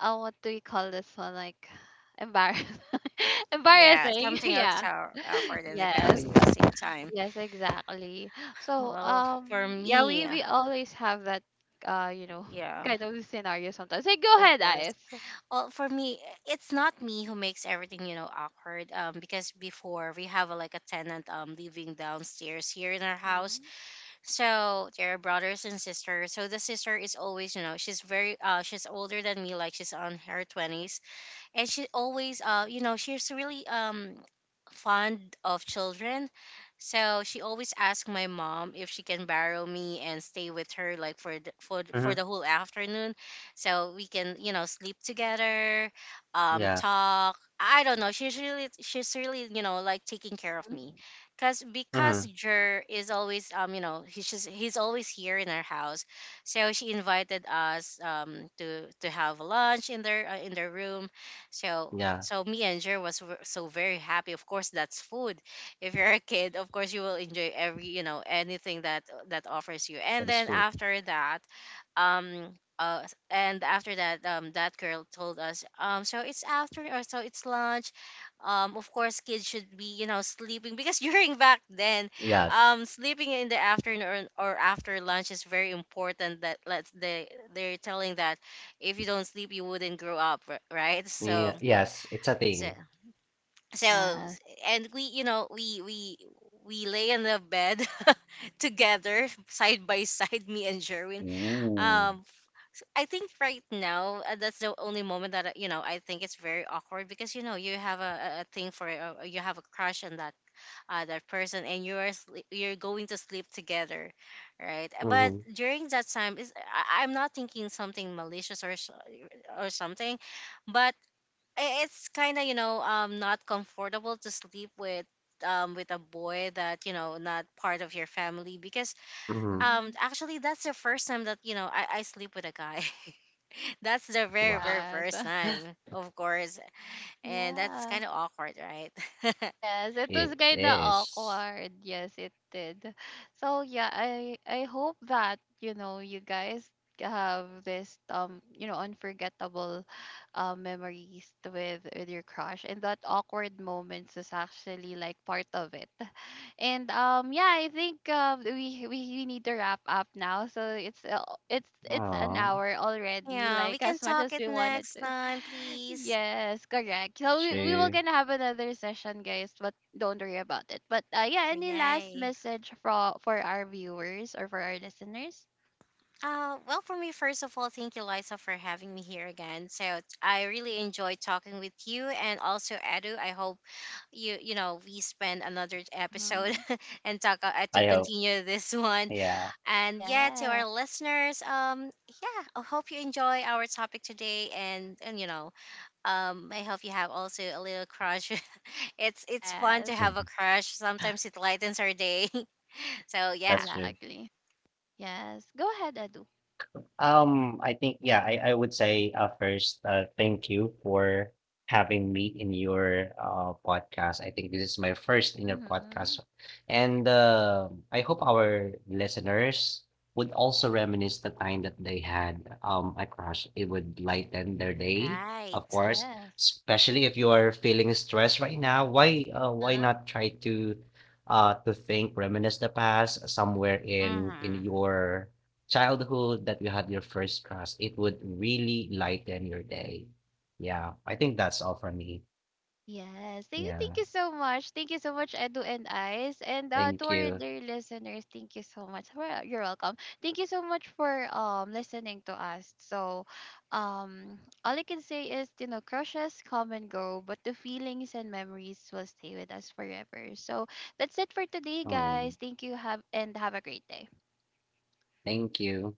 what do we call this one? Like, embarrassing, Yeah, embarrassing. something else Yeah. how- awkward and Ah, embarrassing Yes. at the yeah. same time. Yes, exactly. So, Well, for yeah, me, we always have that, you know, yeah, kind of scenario sometimes. Hey, go of ahead, course. Ice. Well, for me, it's not me who makes everything, you know, awkward. Because before we have a, like a tenant living downstairs here in our house, Mm-hmm. so they're brothers and sisters. So the sister is always, you know, she's very she's older than me, like she's on her twenties, and she always you know she's really fond of children. So she always Mm, asks my mom if she can borrow me and stay with her like for the, for mhm, the whole afternoon, so we can you know sleep together, yeah, talk. I don't know, she's really you know like taking care of me Mm-hmm. cuz because mhm, Jer is always you know he's always here in our house. So she invited us to have lunch in their room. So yeah, so me and so very happy. Of course, that's food. If you're a kid, of course you will enjoy every you know anything that that offers you. And that is then food. after that, and after that, that girl told us, so it's after or so it's lunch. Of course, kids should be, you know, sleeping because during back then, Yes, sleeping in the afternoon or after lunch is very important. That let's they they're telling that if you don't sleep, you wouldn't grow up, right? Yeah, yes, it's a so thing. so Yes. and we you know we we lay on the bed together side by side, me and Jerwin. Ooh. Um, I think right now that's the only moment that you know I think it's very awkward because you know you have a thing for you have a crush on that person, and you are you're going to sleep together, right? But Mhm, during that time is I'm not thinking something malicious or or something, but it's kind of you know not comfortable to sleep with a boy that you know not part of your family, because mhm. Mm-hmm. actually that's the first time that you know I sleep with a guy. That's the very Wow, very Yes. first time, of course, and that's Yeah. kind of awkward, right? Yes, it it was kind of is. awkward. Yes, it did. So yeah, I hope that you know, you guys have this you know unforgettable memories with your crush, and that awkward moments is actually like part of it. And yeah, I think we need to wrap up now. So it's an Oh. hour already. Yeah, we Like, can as much talk as it we wanted next to. time please. Yes, correct. So we will True. gonna have another session, guys. But don't worry about it. But yeah, any last Yay. message for our viewers or for our listeners? Well, for me, first of all, thank you, Liza, for having me here again. So I really enjoyed talking with you and also Edu. I hope you know we spend another episode Mm-hmm. and talk to I hope, continue this one. yeah. And yeah, to Yeah. our listeners, yeah, I hope you enjoy our topic today, and you know I hope you have also a little crush. It's fun to Yes. have a crush, sometimes it lightens our day. So yeah, That's true. Exactly. Yes. Go ahead, Adu. I think, yeah, I would say, first, thank you for having me in your, podcast. I think this is my first in your Mm-hmm. podcast. And, I hope our listeners would also reminisce the time that they had, a crush. It would lighten their day, of right. course, Yes. especially if you are feeling stressed right now. Why not try to think, reminisce the past somewhere in Mm-hmm. your childhood that you had your first crush, it would really lighten your day. Yeah, I think that's all for me. Yes. Thank Yeah, you so much. Thank you so much, Edu and Ice. And to thank our you. dear listeners, thank you so much. Well, you're welcome. Thank you so much for listening to us. So, um, all I can say is, you know, crushes come and go, but the feelings and memories will stay with us forever. So that's it for today, guys. Um, Thank you. Have a great day. thank you.